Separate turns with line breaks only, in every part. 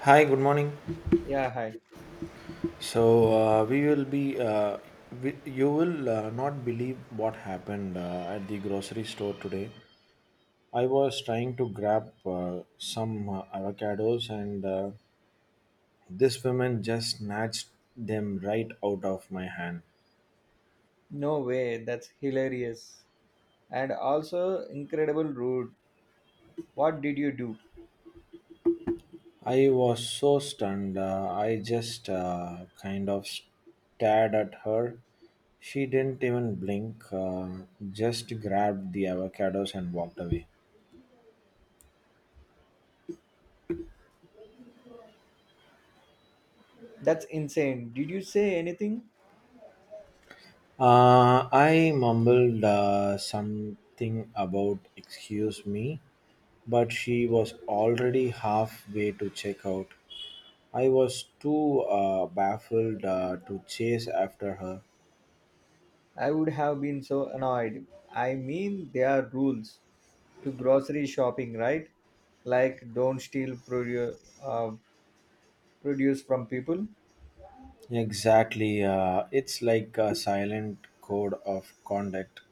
Hi, good morning.
Yeah, hi.
So we will be, you will not believe what happened at the grocery store today. I was trying to grab some avocados, and this woman just snatched them right out of my hand.
No way. That's hilarious. And also incredible rude. What did you do?
I was so stunned. I just kind of stared at her. She didn't even blink, just grabbed the avocados and walked away.
That's insane. Did you say anything?
I mumbled something about excuse me, but she was already halfway to check out. I was too baffled to chase after her.
I would have been so annoyed. I mean, there are rules to grocery shopping, right? Like don't steal produce from people.
Exactly, it's like a silent code of conduct.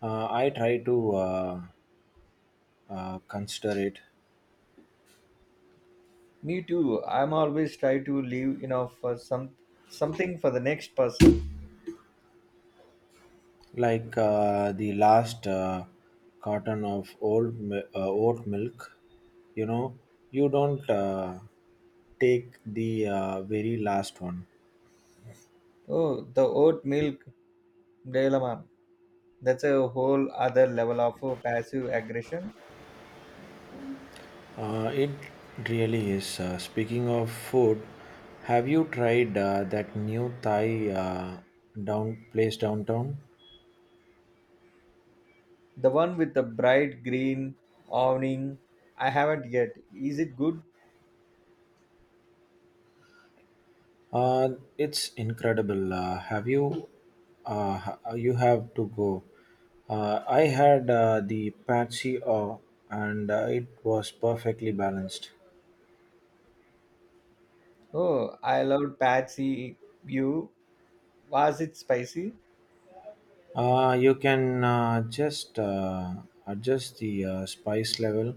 I try to consider it,
Me too. I'm always try to leave enough for something for the next person.
like the last carton of oat milk you know you don't take the very last one.
Oh, the oat milk dilemma. That's a whole other level of passive aggression.
It really is. Speaking of food, have you tried that new Thai down place downtown?
The one with the bright green awning, I haven't yet. Is it good?
Uh, it's incredible. Have you? You have to go. I had the Patsy O, and it was perfectly balanced.
Oh, I loved Patsy View. Was it spicy?
You can just adjust the spice level.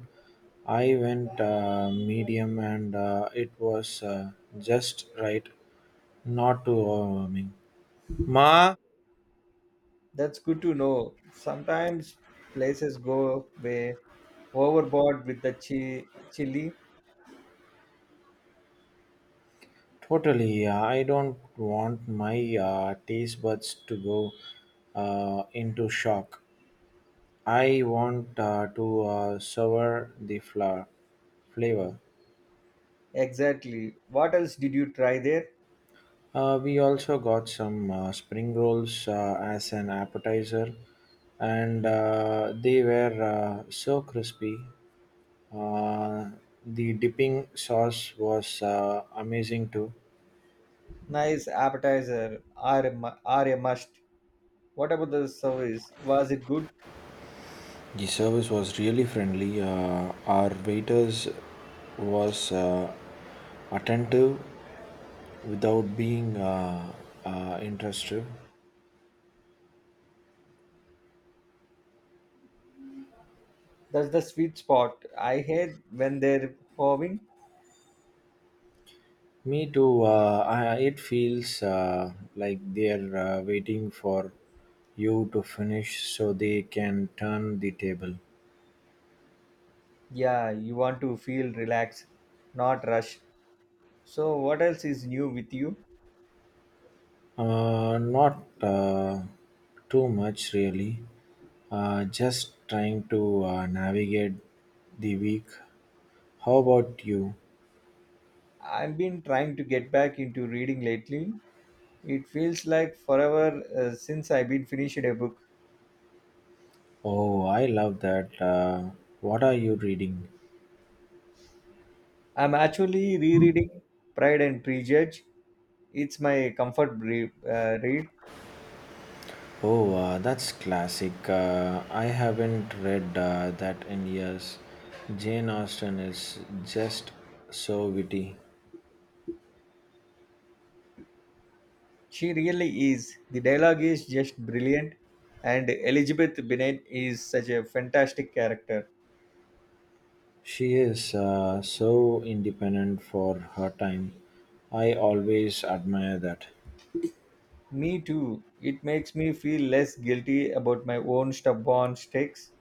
I went medium, and it was just right, not too overwhelming. Ma.
That's good to know. Sometimes places go way overboard with the chili.
Totally, yeah. I don't want my taste buds to go into shock. I want to savor the flour flavor.
Exactly. What else did you try there?
We also got some spring rolls as an appetizer, and they were so crispy. Uh, the dipping sauce was amazing too.
Nice appetizer are a must. What about the service? Was it good?
The service was really friendly. Our waiters was attentive without being intrusive.
That's the sweet spot. I hate when they're hovering.
Me too. It feels like they're waiting for you to finish so they can turn the table.
Yeah, you want to feel relaxed, not rushed. So, what else is new with you?
Not too much, really. Just trying to navigate the week. How about you?
I've been trying to get back into reading lately. It feels like forever since I've been finished a book.
Oh, I love that. What are you reading?
I'm actually rereading Pride and Prejudice. It's my comfort read.
Oh, that's classic. I haven't read that in years. Jane Austen is just so witty.
She really is. The dialogue is just brilliant, and Elizabeth Bennet is such a fantastic character.
She is so independent for her time. I always admire that.
Me too. It makes me feel less guilty about my own stubborn sticks.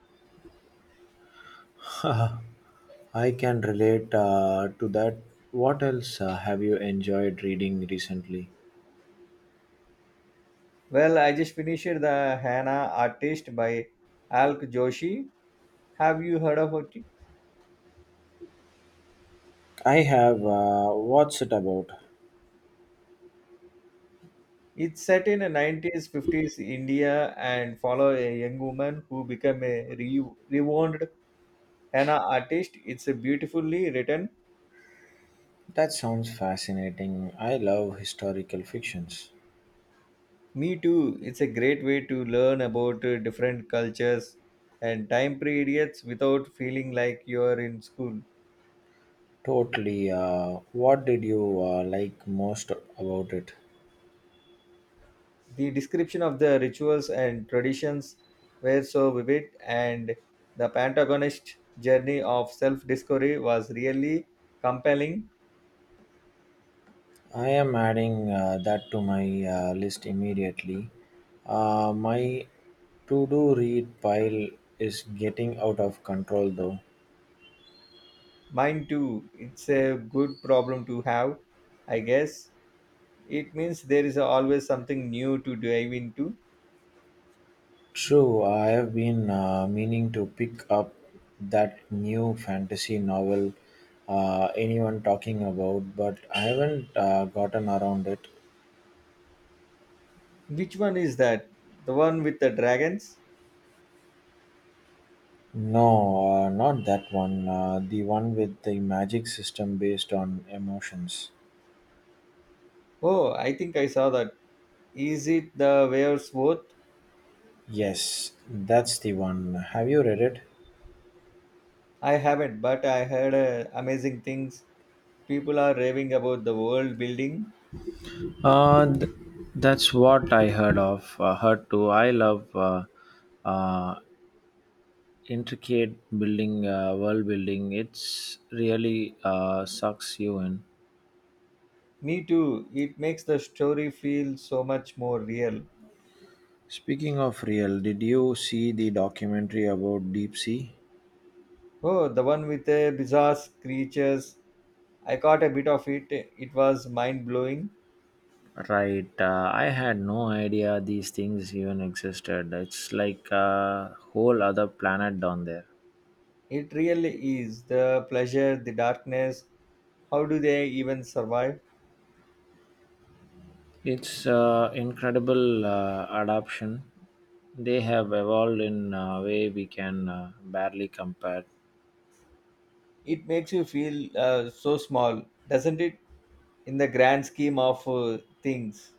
I can relate to that. What else have you enjoyed reading recently?
Well, I just finished The Hannah Artist by Alk Joshi. Have you heard about it?
I have. What's it about?
It's set in a 90s, 50s India and follow a young woman who become a renowned henna artist. It's a beautifully written.
That sounds fascinating. I love historical fictions.
Me too. It's a great way to learn about different cultures and time periods without feeling like you're in school.
Totally. What did you like most about it?
The description of the rituals and traditions were so vivid, and the protagonist's journey of self discovery was really compelling.
I am adding that to my list immediately. My to do read pile is getting out of control though.
Mine too. It's a good problem to have, I guess. It means there is always something new to dive into.
True, I have been meaning to pick up that new fantasy novel anyone talking about, but I haven't gotten around it.
Which one is that? The one with the dragons?
No, not that one. The one with the magic system based on emotions.
Oh, I think I saw that. Is it the Waves Worth?
Yes, that's the one. Have you read it?
I haven't, but I heard amazing things. People are raving about the world building.
Uh, th- that's what I heard of. Heard too. I love uh, world building. It's really sucks you in.
Me too. It makes the story feel so much more real.
Speaking of real, did you see the documentary about deep sea?
Oh, the one with the bizarre creatures. I caught a bit of it. It was mind blowing.
Right, I had no idea these things even existed. It's like a whole other planet down there.
It really is. The pleasure, the darkness. How do they even survive?
It's incredible adaption. They have evolved in a way we can barely compare.
It makes you feel so small, doesn't it? In the grand scheme of things,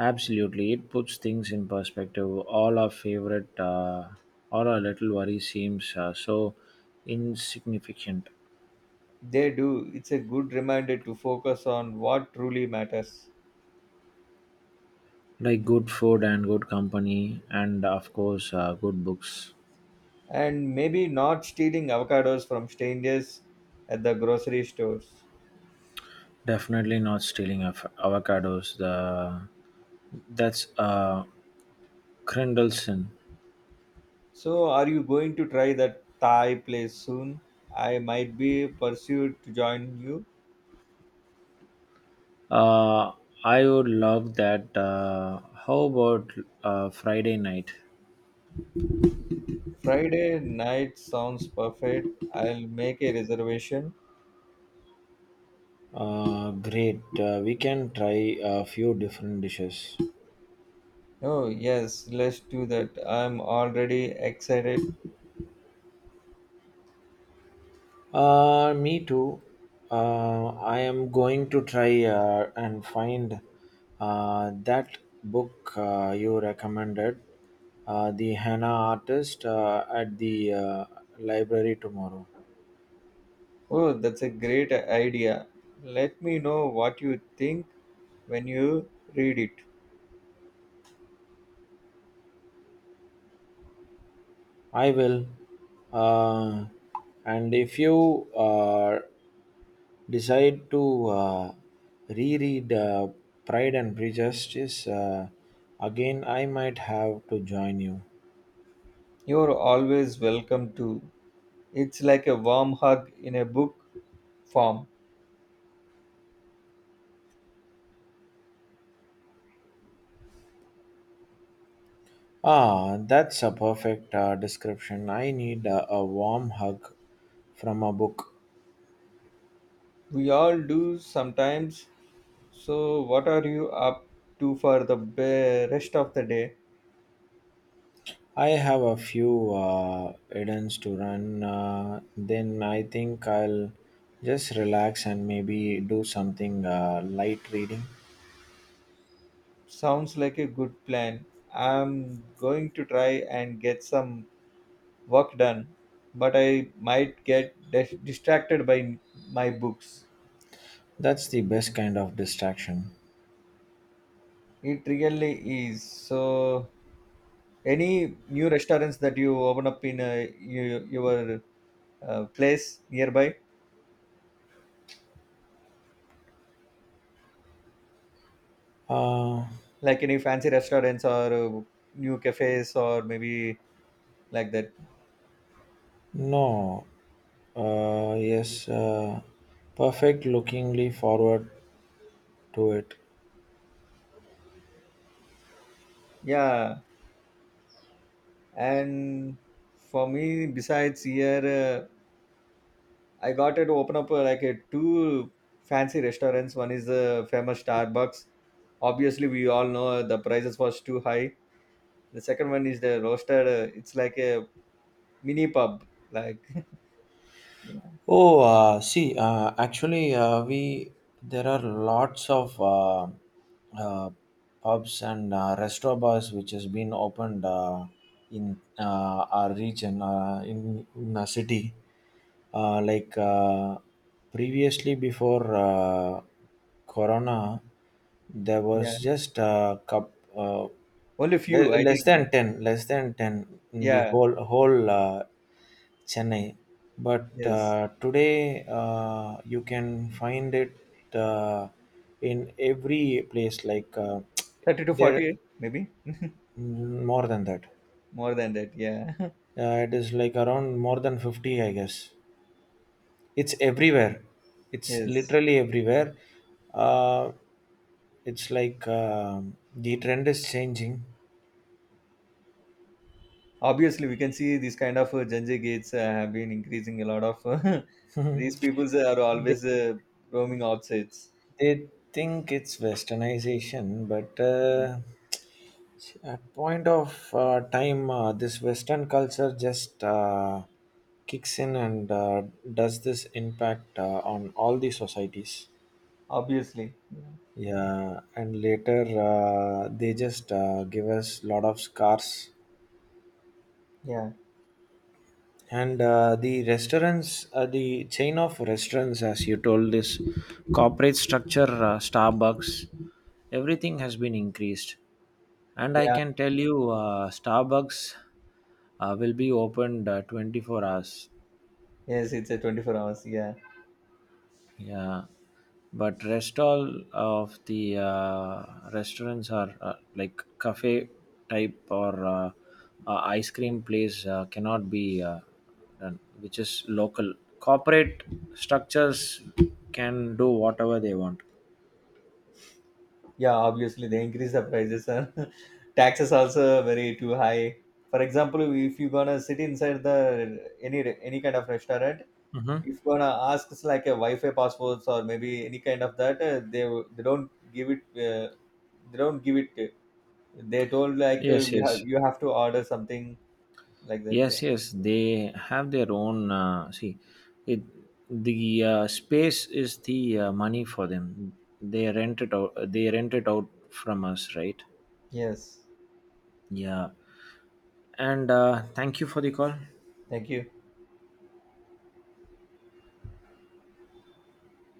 Absolutely, it puts things in perspective. All our little worry seems so insignificant.
they do. It's a good reminder to focus on what truly matters,
Like good food and good company, and of course, good books.
and maybe not stealing avocados from strangers at the grocery stores.
Definitely not stealing avocados. The that's Grindelson.
So are you going to try that thai place soon? I might be pursued to join you.
Uh, I would love that. How about Friday night?
Friday night sounds perfect. I'll make a reservation.
Great. We can try a few different dishes.
Oh yes, let's do that. I'm already excited.
Me too. I am going to try and find that book you recommended, The Hannah Artist, at the library tomorrow.
Oh, that's a great idea. Let me know what you think when you read it.
I will. Uh, and if you decide to reread Pride and Prejudice again, I might have to join you.
You're always welcome to. It's like a warm hug in a book form.
Ah, that's a perfect description. I need a warm hug from a book.
We all do sometimes. So, what are you up to for the rest of the day?
I have a few errands to run. Then I think I'll just relax and maybe do something light reading.
Sounds like a good plan. I'm going to try and get some work done, but I might get distracted by my books.
That's the best kind of distraction.
It really is. So, any new restaurants that you open up in your place nearby,
Uh,
like any fancy restaurants or new cafes or maybe like that?
no. Yes. Perfect. Lookingly forward to it.
Yeah. And for me, besides here, I got to open up like a two fancy restaurants. One is the famous Starbucks. Obviously, we all know the prices was too high. The second one is the roasted. It's like a mini pub, like.
Oh, see, actually, we there are lots of uh, pubs and restaurant bars which has been opened in our region, in our city. Uh, like uh, Previously, before Corona, there was
Yeah,
just a cup,
only few, I think.
less than ten in the
Yeah,
whole. Chennai. But
yes.
today you can find it uh, in every place. Like
30 to
there,
40, maybe
mm, more than that.
more than that. Yeah,
It is like around more than 50, I guess. It's everywhere. It's
yes.
literally everywhere. Uh, it's like The trend is changing.
Obviously, we can see these kind of Janjay gates have been increasing a lot of. These people are always roaming outsides.
They think it's westernization, but at point of time, this Western culture just kicks in and does this impact on all the societies.
Obviously. Yeah.
Yeah, and later they just give us lot of scars
Yeah.
and the chain of restaurants, as you told, this corporate structure, Starbucks, everything has been increased, and I
Yeah.
can tell you Starbucks will be opened 24 hours.
Yes, it's a 24 hours. Yeah.
Yeah, but rest all of the restaurants are like cafe type or ice cream place cannot be done, which is local. Corporate structures can do whatever they want.
Yeah, obviously, they increase the prices. And taxes also very too high. For example, if you gonna sit inside the any kind of restaurant,
Mm-hmm.
if gonna ask like a Wi-Fi passwords or maybe any kind of that, they don't give it. They don't give it. They told like
Yes,
we have
yes,
you have to order something like that. Yeah.
yes, yes. They have their own. See, it the space is the money for them. They rent it out. They rent it out from us, right?
Yes.
Yeah. And thank you for the call.
Thank you.